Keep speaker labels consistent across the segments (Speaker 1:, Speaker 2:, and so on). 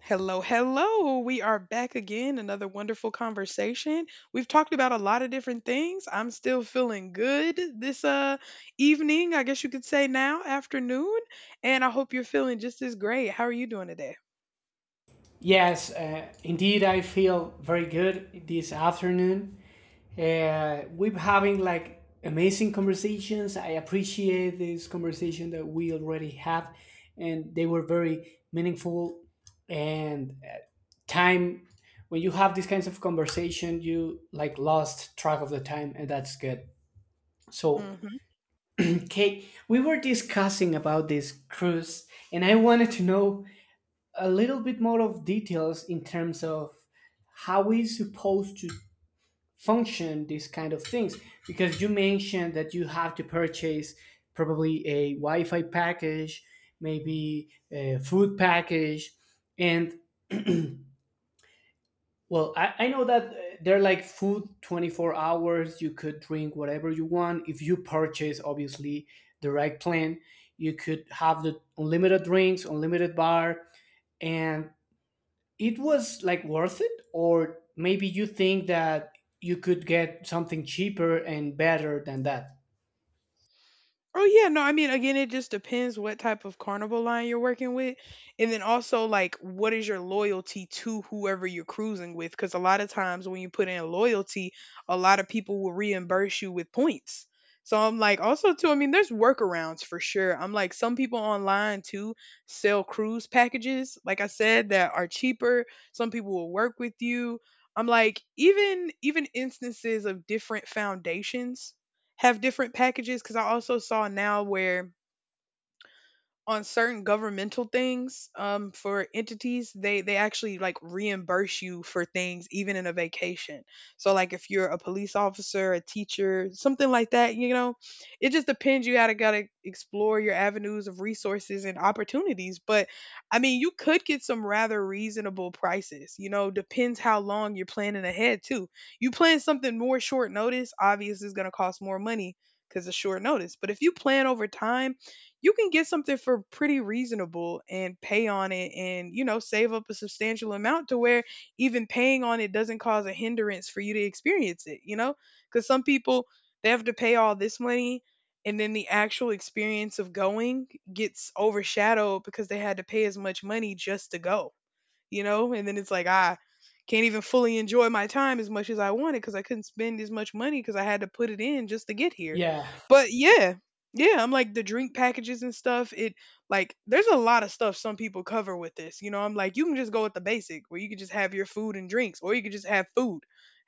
Speaker 1: Hello, hello. We are back again. Another wonderful conversation. We've talked about a lot of different things. I'm still feeling good this evening, I guess you could say, now, afternoon, and I hope you're feeling just as great. How are you doing today?
Speaker 2: Yes, indeed, I feel very good this afternoon. We're having like amazing conversations. I appreciate this conversation that we already have, and they were very meaningful. And uh, time, when you have these kinds of conversation, you like lost track of the time, and that's good. So,
Speaker 1: Mm-hmm.
Speaker 2: Kate, we were discussing about this cruise, and I wanted to know a little bit more of details in terms of how we supposed to function these kind of things because you mentioned that you have to purchase probably a wi-fi package, maybe a food package, and well I know that they're like food 24 hours, you could drink whatever you want. If you purchase obviously the right plan, you could have the unlimited drinks, unlimited bar, and it was like worth it, or maybe you think that you could get something cheaper and better than that?
Speaker 1: Oh yeah, no, I mean, again, it just depends what type of carnival line you're working with, and then also like what is your loyalty to whoever you're cruising with, cuz a lot of times when you put in loyalty, a lot of people will reimburse you with points. So I'm like, also too, I mean there's workarounds for sure. I'm like, some people online too sell cruise packages, like I said, that are cheaper. Some people will work with you. I'm like even instances of different foundations have different packages, because I also saw now where on certain governmental things, for entities, they actually like reimburse you for things even in a vacation. So like, if you're a police officer, a teacher, something like that, you know, it just depends. You gotta explore your avenues of resources and opportunities. But I mean, you could get some rather reasonable prices, you know, depends how long you're planning ahead too. You plan something more short notice, obviously it's going to cost more money because it's short notice. But if you plan over time, you can get something for pretty reasonable and pay on it and, you know, save up a substantial amount to where even paying on it doesn't cause a hindrance for you to experience it, you know? Because some people, they have to pay all this money, and then the actual experience of going gets overshadowed because they had to pay as much money just to go, you know? And then it's like, I can't even fully enjoy my time as much as I wanted because I couldn't spend as much money because I had to put it in just to get here.
Speaker 2: Yeah.
Speaker 1: But yeah, yeah, I'm like, the drink packages and stuff. It like, there's a lot of stuff some people cover with this. You know, I'm like, you can just go with the basic where you can just have your food and drinks, or you could just have food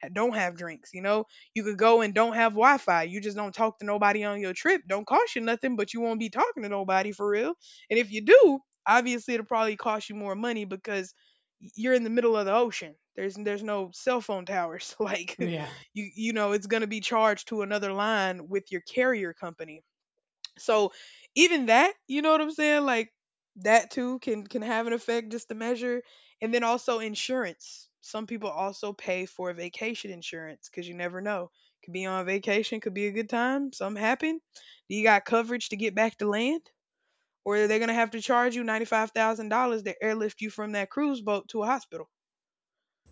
Speaker 1: and don't have drinks, you know. You could go and don't have Wi Fi. You just don't talk to nobody on your trip. Don't cost you nothing, but you won't be talking to nobody for real. And if you do, obviously it'll probably cost you more money because you're in the middle of the ocean. There's no cell phone towers. Like,
Speaker 2: Yeah.
Speaker 1: you know it's going to be charged to another line with your carrier company. So even that, you know what I'm saying? Like, that too can have an effect just to measure. And then also insurance. Some people also pay for vacation insurance, cuz you never know. Could be on vacation, could be a good time, something happen. Do you got coverage to get back to land? Or are they going to have to charge you $95,000 to airlift you from that cruise boat to a hospital?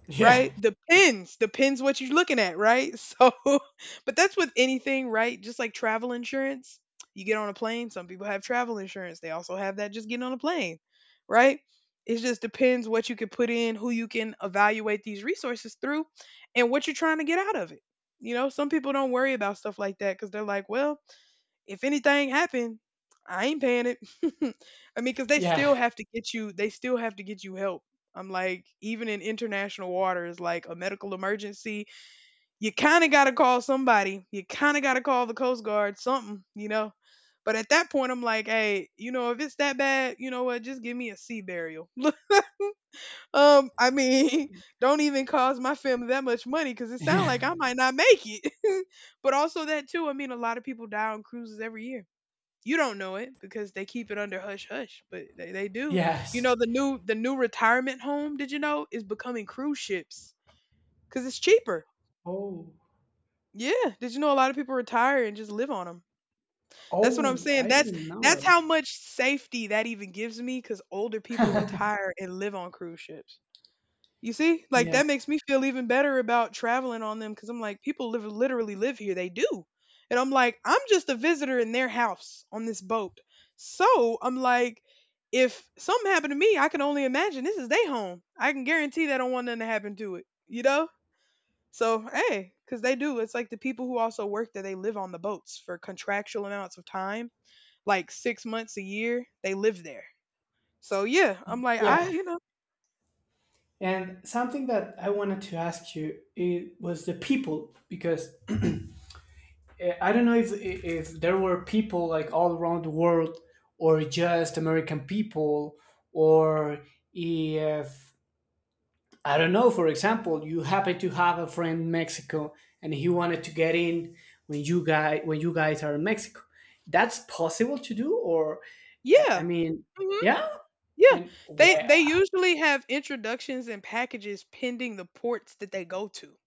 Speaker 2: Yeah.
Speaker 1: Right? Depends, depends what you're looking at, right? So, but that's with anything, right? Just like travel insurance. You get on a plane, some people have travel insurance. They also have that just getting on a plane, right? It just depends what you can put in, who you can evaluate these resources through, and what you're trying to get out of it. You know, some people don't worry about stuff like that because they're like, well, if anything happened, I ain't paying it. I mean, because they
Speaker 2: Yeah.
Speaker 1: still have to get you. They still have to get you help. I'm like, even in international waters, like a medical emergency, you kind of got to call somebody. You kind of got to call the Coast Guard, something, you know. But at that point, I'm like, hey, you know, if it's that bad, you know what? Just give me a sea burial. I mean, don't even cost my family that much money because it sounds
Speaker 2: Yeah.
Speaker 1: like I might not make it. But also that too, I mean, a lot of people die on cruises every year. You don't know it because they keep it under hush hush, but they do. You
Speaker 2: Yes.
Speaker 1: know the new retirement home, did you know, is becoming cruise ships, cuz it's cheaper.
Speaker 2: Oh.
Speaker 1: Yeah, did you know a lot of people retire and just live on them? That's what I'm
Speaker 2: Oh,
Speaker 1: saying.
Speaker 2: I
Speaker 1: That's
Speaker 2: didn't know it.
Speaker 1: how much safety that even gives me, cuz older people retire and live on cruise ships. You see, like
Speaker 2: Yeah.
Speaker 1: that makes me feel even better about traveling on them because I'm like, people live, literally live here. They do, and I'm like, I'm just a visitor in their house on this boat. So I'm like, if something happened to me, I can only imagine this is their home. I can guarantee they don't want nothing to happen to it. You know. So hey, because they do. It's like the people who also work there, they live on the boats for contractual amounts of time, like 6 months a year. They live there. So yeah, I'm like,
Speaker 2: Yeah.
Speaker 1: I, you know,
Speaker 2: And something that I wanted to ask you, it was the people, because I don't know if there were people like all around the world, or just american people, or if, I don't know, for example, you happen to have a friend in Mexico and he wanted to get in when you guys are in Mexico. That's possible to do, or?
Speaker 1: yeah.
Speaker 2: I mean,
Speaker 1: Mm-hmm.
Speaker 2: yeah,
Speaker 1: Yeah,
Speaker 2: and
Speaker 1: they
Speaker 2: wow.
Speaker 1: usually have introductions and packages pending the ports that they go to,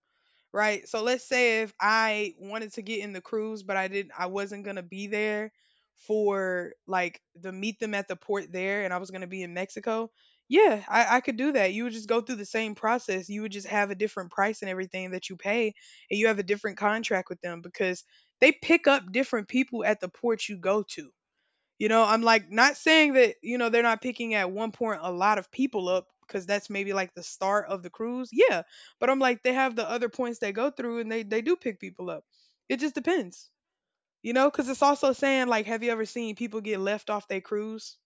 Speaker 1: right? So let's say if I wanted to get in the cruise, but I didn't, I wasn't gonna be there for like to meet them at the port there, and I was gonna be in Mexico. Yeah, I could do that. You would just go through the same process. You would just have a different price and everything that you pay, and you have a different contract with them because they pick up different people at the port you go to. You know, I'm like, not saying that, you know, they're not picking at one point a lot of people up because that's maybe like the start of the cruise. Yeah. But I'm like, they have the other points they go through, and they do pick people up. It just depends, you know, because it's also saying, like, have you ever seen people get left off their cruise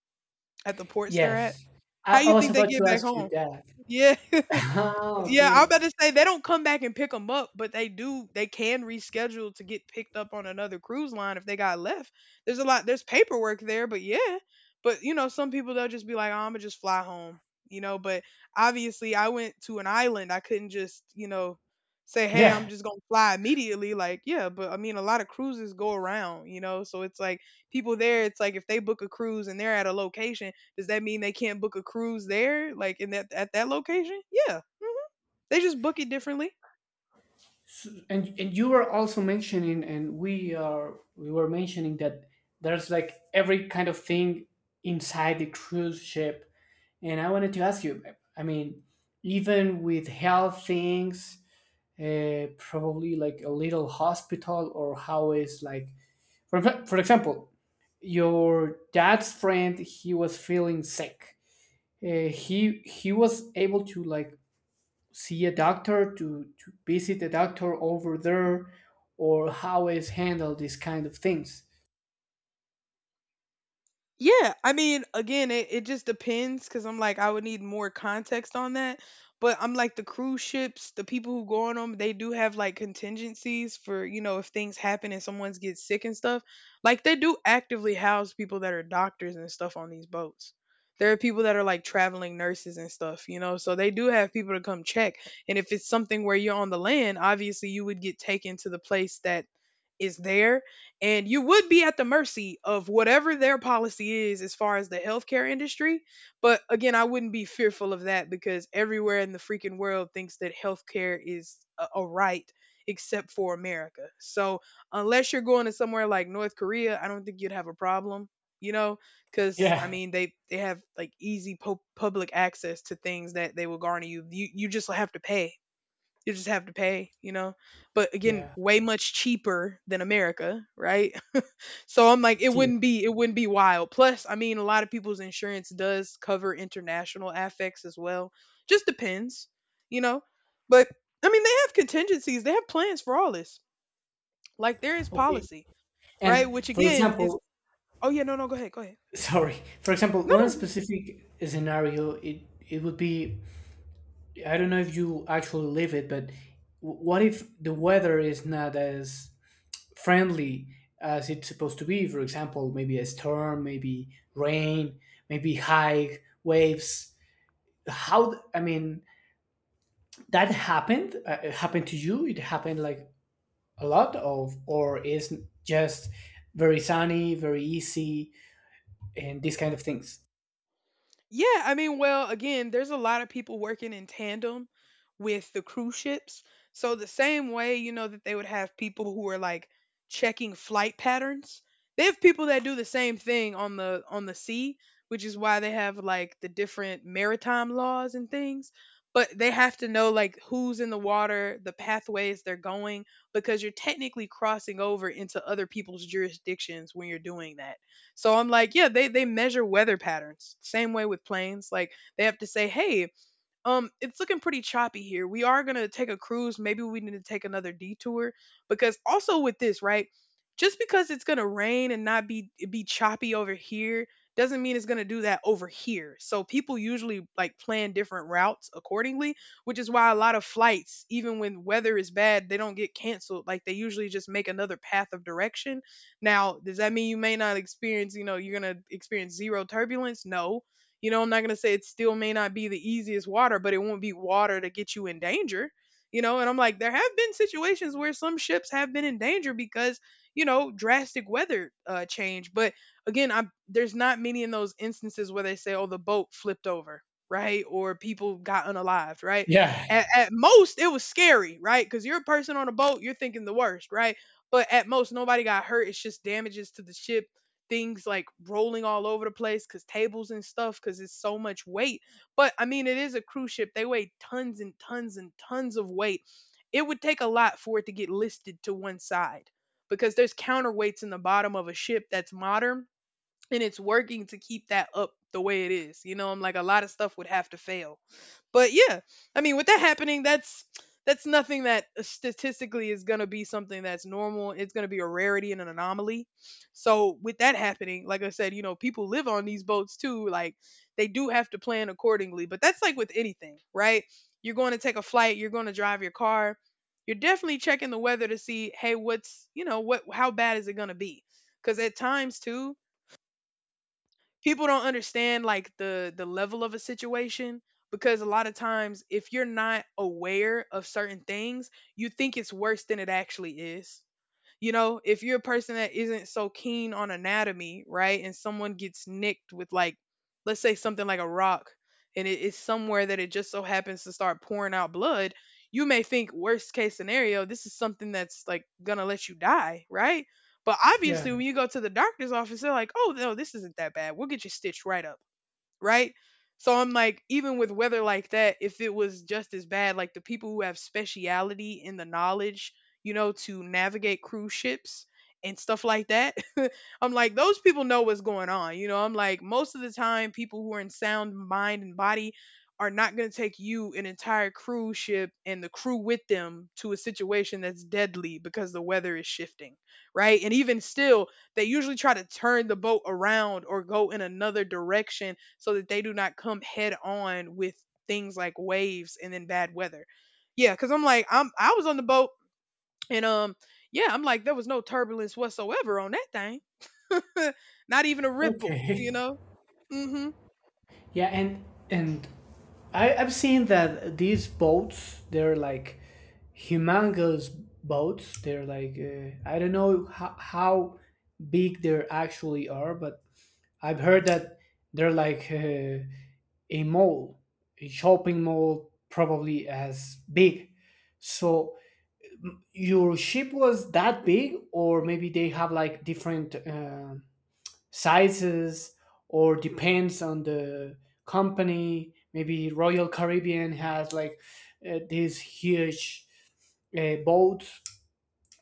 Speaker 1: at the ports they're at?
Speaker 2: Yes. I,
Speaker 1: How
Speaker 2: I
Speaker 1: you
Speaker 2: was
Speaker 1: think they
Speaker 2: about
Speaker 1: get
Speaker 2: to
Speaker 1: back
Speaker 2: ask you
Speaker 1: home?
Speaker 2: that.
Speaker 1: Yeah.
Speaker 2: Ah,
Speaker 1: Yeah, I'm
Speaker 2: okay.
Speaker 1: about to say they don't come back and pick them up, but they do. They can reschedule to get picked up on another cruise line if they got left. There's a lot. There's paperwork there, but yeah. But you know, some people they'll just be like, oh, "I'm gonna just fly home," you know. But obviously, I went to an island. I couldn't just, you know, say, "Hey, I'm
Speaker 2: Yeah.
Speaker 1: just gonna fly immediately." Like, yeah. But I mean, a lot of cruises go around, you know. So it's like people there. It's like if they book a cruise and they're at a location, does that mean they can't book a cruise there, like in that at that location? Yeah. Mm-hmm. They just book it differently.
Speaker 2: And you were also mentioning, and we were mentioning that there's like every kind of thing inside the cruise ship. And I wanted to ask you, I mean, even with health things, probably like a little hospital, or how is like, for, for example, your dad's friend, he was feeling sick. He was able to like see a doctor, to visit a doctor over there, or how is handled these kind of things.
Speaker 1: Yeah, I mean, again, it just depends because I'm like, I would need more context on that. But I'm like, the cruise ships, the people who go on them, they do have like contingencies for, you know, if things happen and someone's gets sick and stuff. Like, they do actively house people that are doctors and stuff on these boats. There are people that are like traveling nurses and stuff, you know, so they do have people to come check. And if it's something where you're on the land, obviously you would get taken to the place that is there, and you would be at the mercy of whatever their policy is as far as the healthcare industry. But again, I wouldn't be fearful of that because everywhere in the freaking world thinks that healthcare is a right, except for America. So unless you're going to somewhere like North Korea, I don't think you'd have a problem, you know, cuz I
Speaker 2: Yeah.
Speaker 1: mean they have like easy po- public access to things that they will garner you. You just have to pay. You just have to pay, you know, but again,
Speaker 2: Yeah.
Speaker 1: way much cheaper than America, right? So I'm like, it
Speaker 2: See.
Speaker 1: wouldn't be, wild. Plus, I mean, a lot of people's insurance does cover international affects as well. Just depends, you know. But I mean, they have contingencies. They have plans for all this. Like, there is
Speaker 2: Okay.
Speaker 1: policy, right?
Speaker 2: And
Speaker 1: Which
Speaker 2: for
Speaker 1: again is,
Speaker 2: example,
Speaker 1: oh yeah, no, no, go ahead, go ahead.
Speaker 2: sorry for example,
Speaker 1: No, no.
Speaker 2: one specific scenario, it would be, I don't know if you actually live it, but what if the weather is not as friendly as it's supposed to be? For example, maybe a storm, maybe rain, maybe high waves. I mean, that happened, it happened to you, it happened like a lot, of or is just very sunny, very easy and these kind of things?
Speaker 1: Yeah, I mean, well, again, there's a lot of people working in tandem with the cruise ships. So the same way, you know, that they would have people who are like checking flight patterns, they have people that do the same thing on the sea, which is why they have like the different maritime laws and things. But they have to know like who's in the water, the pathways they're going, because you're technically crossing over into other people's jurisdictions when you're doing that. So I'm like, yeah, they measure weather patterns. Same way with planes. Like they have to say, hey, it's looking pretty choppy here. We are gonna take a cruise. Maybe we need to take another detour because also with this, right? Just because it's gonna rain and not be choppy over here doesn't mean it's gonna do that over here. So people usually like plan different routes accordingly, which is why a lot of flights, even when weather is bad, they don't get canceled. Like they usually just make another path of direction. Now, does that mean you may not experience, you know, you're gonna experience zero turbulence? No, you know, I'm not going to say it still may not be the easiest water, but it won't be water to get you in danger. You know, and I'm like, there have been situations where some ships have been in danger because, you know, drastic weather change. But again, I there's not many in those instances where they say, oh, the boat flipped over, right? Or people got unalived, right?
Speaker 2: Yeah.
Speaker 1: At most, it was scary, right? Because you're a person on a boat, you're thinking the worst, right? But at most, nobody got hurt. It's just damages to the ship, things like rolling all over the place because tables and stuff, because it's so much weight. But I mean, it is a cruise ship. They weigh tons and tons and tons of weight. It would take a lot for it to get listed to one side because there's counterweights in the bottom of a ship that's modern and it's working to keep that up the way it is. You know, I'm like a lot of stuff would have to fail. But yeah, I mean, with that happening, that's nothing that statistically is going to be something that's normal. It's going to be a rarity and an anomaly. So with that happening, like I said, you know, people live on these boats too. Like they do have to plan accordingly. But that's like with anything, right? You're going to take a flight. You're going to drive your car. You're definitely checking the weather to see, hey, what's, you know what? How bad is it going to be? Because at times too, people don't understand like the level of a situation, because a lot of times if you're not aware of certain things you think it's worse than it actually is. You know, if you're a person that isn't so keen on anatomy, right, and someone gets nicked with, like, let's say something like a rock, and it is somewhere that it just so happens to start pouring out blood, you may think worst case scenario, this is something that's like gonna let you die, right? But
Speaker 2: Yeah.
Speaker 1: obviously, when you go to the doctor's office, they're like, "Oh no, this isn't that bad. We'll get you stitched right up." Right? So I'm like, even with weather like that, if it was just as bad, like the people who have speciality in the knowledge, you know, to navigate cruise ships and stuff like that, I'm like, those people know what's going on. You know, I'm like, most of the time, people who are in sound mind and body are not going to take you, an entire cruise ship, and the crew with them to a situation that's deadly because the weather is shifting, right? And even still, they usually try to turn the boat around or go in another direction so that they do not come head on with things like waves and then bad weather. Yeah, cuz I'm like I'm I was on the boat and yeah, I'm like there was no turbulence whatsoever on that thing. Not even a ripple,
Speaker 2: Okay.
Speaker 1: you know? Mhm.
Speaker 2: Yeah, and I've seen that these boats, they're like humongous boats. They're like, I don't know how big they actually are, but I've heard that they're like a mall, a shopping mall, probably as big. So your ship was that big, or maybe they have like different sizes, or depends on the company? Maybe Royal Caribbean has like these huge boats,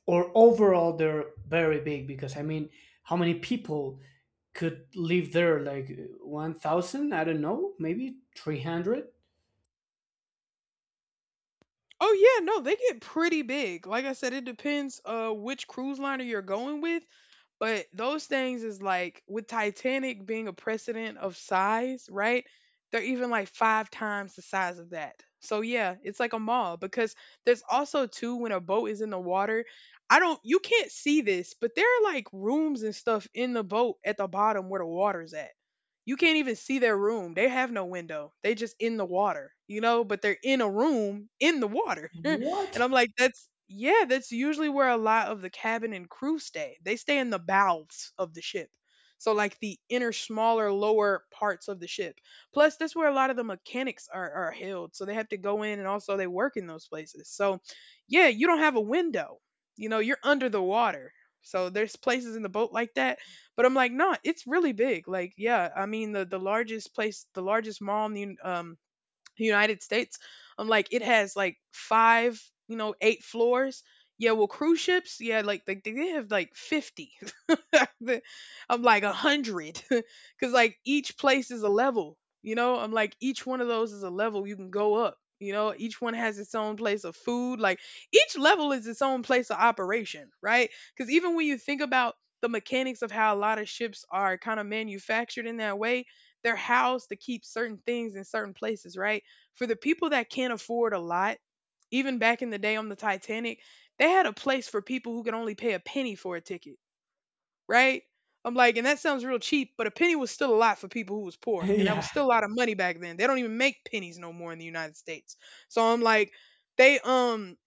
Speaker 2: or overall they're very big, because I mean, how many people could live there? Like 1000, I don't know, maybe 300?
Speaker 1: Oh yeah, no, they get pretty big. Like I said, it depends which cruise liner you're going with. But those things is like with Titanic being a precedent of size, right? They're even like five times the size of that. So yeah, it's like a mall because there's also too when a boat is in the water. I don't You can't see this, but there are like rooms and stuff in the boat at the bottom where the water's at. You can't even see their room. They have no window. They just in the water, you know, but they're in a room in the water. And
Speaker 2: What?
Speaker 1: I'm like, that's, yeah, that's usually where a lot of the cabin and crew stay. They stay in the bowels of the ship. So like the inner smaller lower parts of the ship. Plus that's where a lot of the mechanics are held. So they have to go in and also they work in those places. So yeah, you don't have a window. You know, you're under the water. So there's places in the boat like that. But I'm like, no, it's really big. Like, yeah, I mean the largest place, the largest mall in the United States. I'm like, it has like five, you know, eight floors. Yeah, well, cruise ships, yeah, like they have like 50. I'm like 100. Because like each place is a level, you know? I'm like, each one of those is a level you can go up. You know, each one has its own place of food. Like each level is its own place of operation, right? Because even when you think about the mechanics of how a lot of ships are kind of manufactured in that way, they're housed to keep certain things in certain places, right? For the people that can't afford a lot, even back in the day on the Titanic, they had a place for people who could only pay a penny for a ticket, right? I'm like, and that sounds real cheap, but a penny was still a lot for people who was poor, and that was
Speaker 2: Yeah.
Speaker 1: still a lot of money back then. They don't even make pennies no more in the United States. So I'm like, they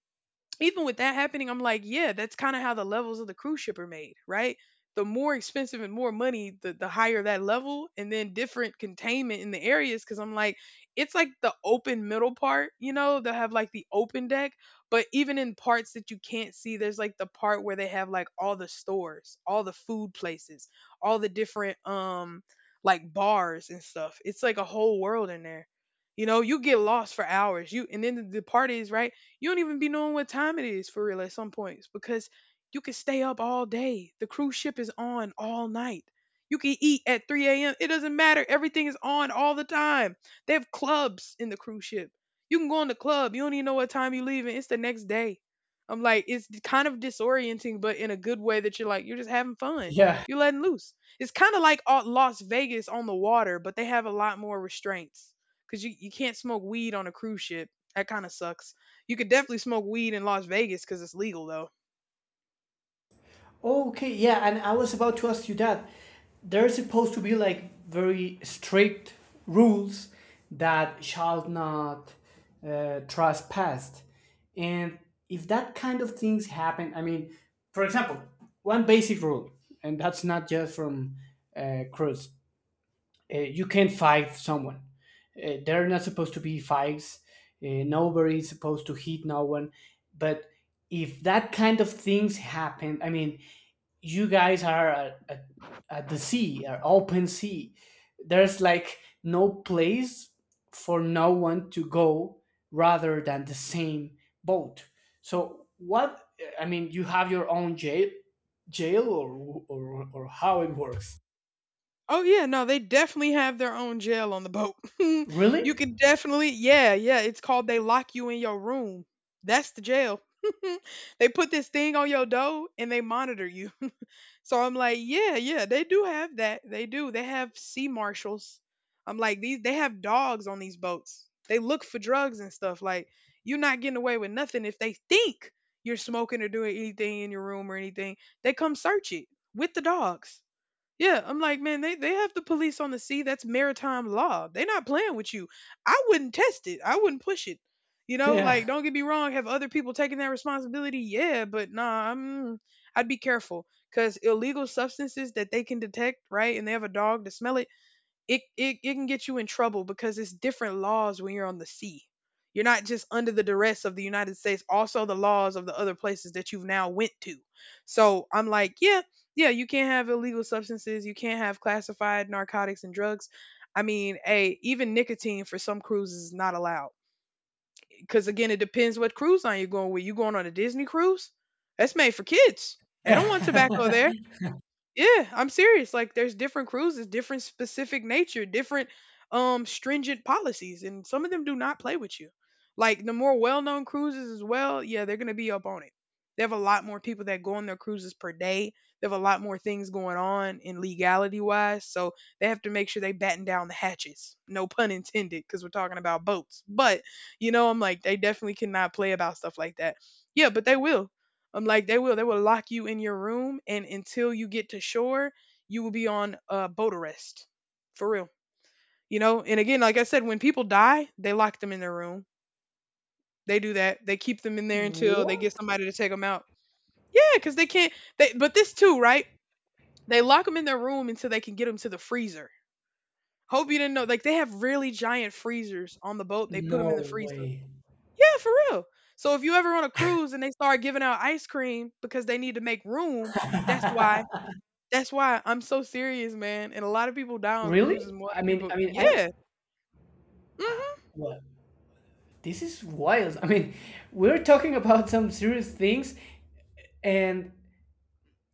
Speaker 1: even with that happening, I'm like, yeah, that's kind of how the levels of the cruise ship are made, right? The more expensive and more money, the higher that level, and then different containment in the areas. Cause I'm like, it's like the open middle part, you know, they have like the open deck, but even in parts that you can't see, there's like the part where they have like all the stores, all the food places, all the different, like bars and stuff. It's like a whole world in there. You know, you get lost for hours. You and then the part is right, you don't even be knowing what time it is for real at some points because you can stay up all day. The cruise ship is on all night. You can eat at 3 a.m. It doesn't matter. Everything is on all the time. They have clubs in the cruise ship. You can go in the club. You don't even know what time you're leaving. It's the next day. I'm like, it's kind of disorienting, but in a good way that you're like, you're just having fun.
Speaker 2: Yeah.
Speaker 1: You're letting loose. It's kind of like Las Vegas on the water, but they have a lot more restraints because you can't smoke weed on a cruise ship. That kind of sucks. You could definitely smoke weed in Las Vegas because it's legal though.
Speaker 2: Okay, yeah, and I was about to ask you that. There's supposed to be like very strict rules that shall not trespass. And if that kind of things happen, I mean, for example, one basic rule, and that's not just from Cruz, you can't fight someone. There are not supposed to be fights. Nobody is supposed to hit no one. But if that kind of things happen, I mean, you guys are at the sea, at open sea. There's like no place for no one to go rather than the same boat. So what? I mean, you have your own jail, or or how it works?
Speaker 1: Oh yeah, no, they definitely have their own jail on the boat. You
Speaker 2: Really?
Speaker 1: can definitely, yeah, yeah. It's called they lock you in your room. That's the jail. They put this thing on your door and they monitor you. So I'm like, yeah, yeah, they do have that. They do. They have sea marshals. I'm like, these they have dogs on these boats. They look for drugs and stuff. Like, you're not getting away with nothing if they think you're smoking or doing anything in your room or anything. They come search it with the dogs. Yeah, I'm like, man, they have the police on the sea. That's maritime law. They're not playing with you. I wouldn't test it. I wouldn't push it. You know,
Speaker 2: Yeah.
Speaker 1: like, don't get me wrong. Have other people taken that responsibility? Yeah, but nah, I'm, I'd be careful because illegal substances that they can detect, right? And they have a dog to smell it, it can get you in trouble because it's different laws when you're on the sea. You're not just under the duress of the United States, also the laws of the other places that you've now went to. So I'm like, yeah, yeah, you can't have illegal substances, you can't have classified narcotics and drugs. I mean, hey, even nicotine for some cruises is not allowed. Because again, it depends what cruise line you're going with. You going on a Disney cruise? That's made for kids. They don't want tobacco there. Yeah, I'm serious. Like there's different cruises, different specific nature, different stringent policies, and some of them do not play with you. Like the more well-known cruises as well, yeah, they're going to be up on it. They have a lot more people that go on their cruises per day. They have a lot more things going on in legality wise, so they have to make sure they batten down the hatches. No pun intended because we're talking about boats. But, you know, I'm like they definitely cannot play about stuff like that. Yeah, but they will. I'm like they will lock you in your room and until you get to shore, you will be on boat arrest. For real. You know, and again, like I said, when people die, they lock them in their room. They do that. They keep them in there until they get
Speaker 2: What?
Speaker 1: somebody to take them out. Yeah, cuz they can't they but this too, right? They lock them in their room until they can get them to the freezer. Hope you didn't know, like, they have really giant freezers on the boat. They put them
Speaker 2: No
Speaker 1: in the freezer.
Speaker 2: way.
Speaker 1: Yeah, for real. So if you ever on a cruise and they start giving out ice cream because they need to make room, that's why that's why I'm so serious, man, and a lot of people die on
Speaker 2: Really?
Speaker 1: cruises more
Speaker 2: I
Speaker 1: than
Speaker 2: mean,
Speaker 1: people.
Speaker 2: I mean, I,
Speaker 1: Yeah. Mhm.
Speaker 2: what? This is wild. I mean, we're talking about some serious things, and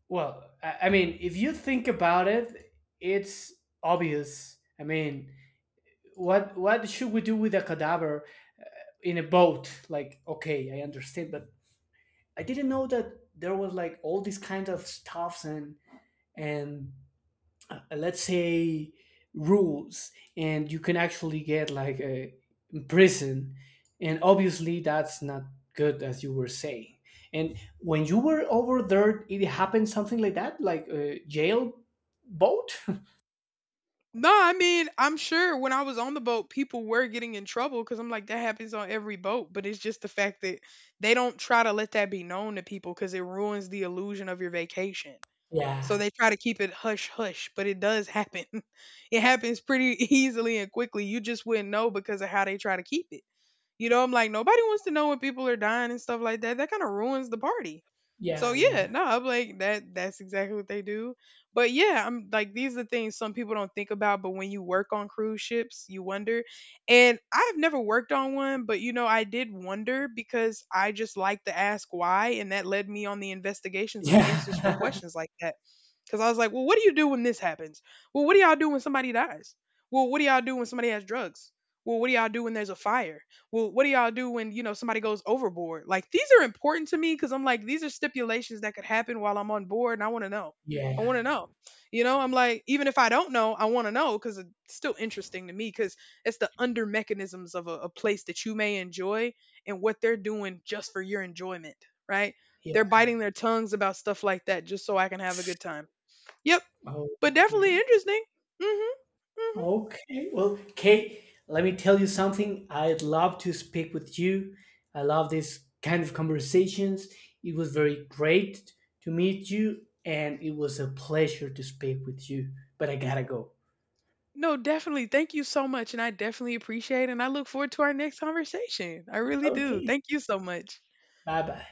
Speaker 2: well, I mean, if you think about it, it's obvious. I mean, what should we do with a cadaver in a boat? Like, okay, I understand, but I didn't know that there was like all these kinds of stuffs and and let's say rules, and you can actually get like a prison, and obviously that's not good, as you were saying. And when you were over there, it happened something like that, like a jail boat.
Speaker 1: No, I mean, I'm sure when I was on the boat, people were getting in trouble because I'm like, that happens on every boat. But it's just the fact that they don't try to let that be known to people because it ruins the illusion of your vacation. So
Speaker 2: Yeah,
Speaker 1: they try to keep it hush hush, but it does happen. It happens pretty easily and quickly. You just wouldn't know because of how they try to keep it. You know, I'm like, nobody wants to know when people are dying and stuff like that. That kind of ruins the party. So
Speaker 2: yeah,
Speaker 1: yeah,
Speaker 2: yeah,
Speaker 1: no, I'm like that's exactly what they do. But yeah, I'm like these are things some people don't think about, but when you work on cruise ships, you wonder. And I've never worked on one, but you know, I did wonder because I just like to ask why, and that led me on the investigations of answers for
Speaker 2: yeah.
Speaker 1: questions like that. Because I was like, well, what do you do when this happens? Well, what do y'all do when somebody dies? Well, what do y'all do when somebody has drugs? Well, what do y'all do when there's a fire? Well, what do y'all do when, you know, somebody goes overboard? Like, these are important to me because I'm like, these are stipulations that could happen while I'm on board and I want to know. I want
Speaker 2: Yeah.
Speaker 1: to know. You know, I'm like, even if I don't know, I want to know because it's still interesting to me because it's the under mechanisms of a place that you may enjoy and what they're doing just for your enjoyment, right?
Speaker 2: Yeah.
Speaker 1: They're biting their tongues about stuff like that just so I can have a good time. Yep, but definitely
Speaker 2: Okay.
Speaker 1: interesting. Mhm. Mhm.
Speaker 2: Okay. Well, Kate, let me tell you something. I'd love to speak with you. I love this kind of conversations. It was very great to meet you, and it was a pleasure to speak with you. But I gotta go.
Speaker 1: No, definitely. Thank you so much and I definitely appreciate it. And I look forward to our next conversation. I really do.
Speaker 2: Okay.
Speaker 1: Thank you so much.
Speaker 2: Bye bye.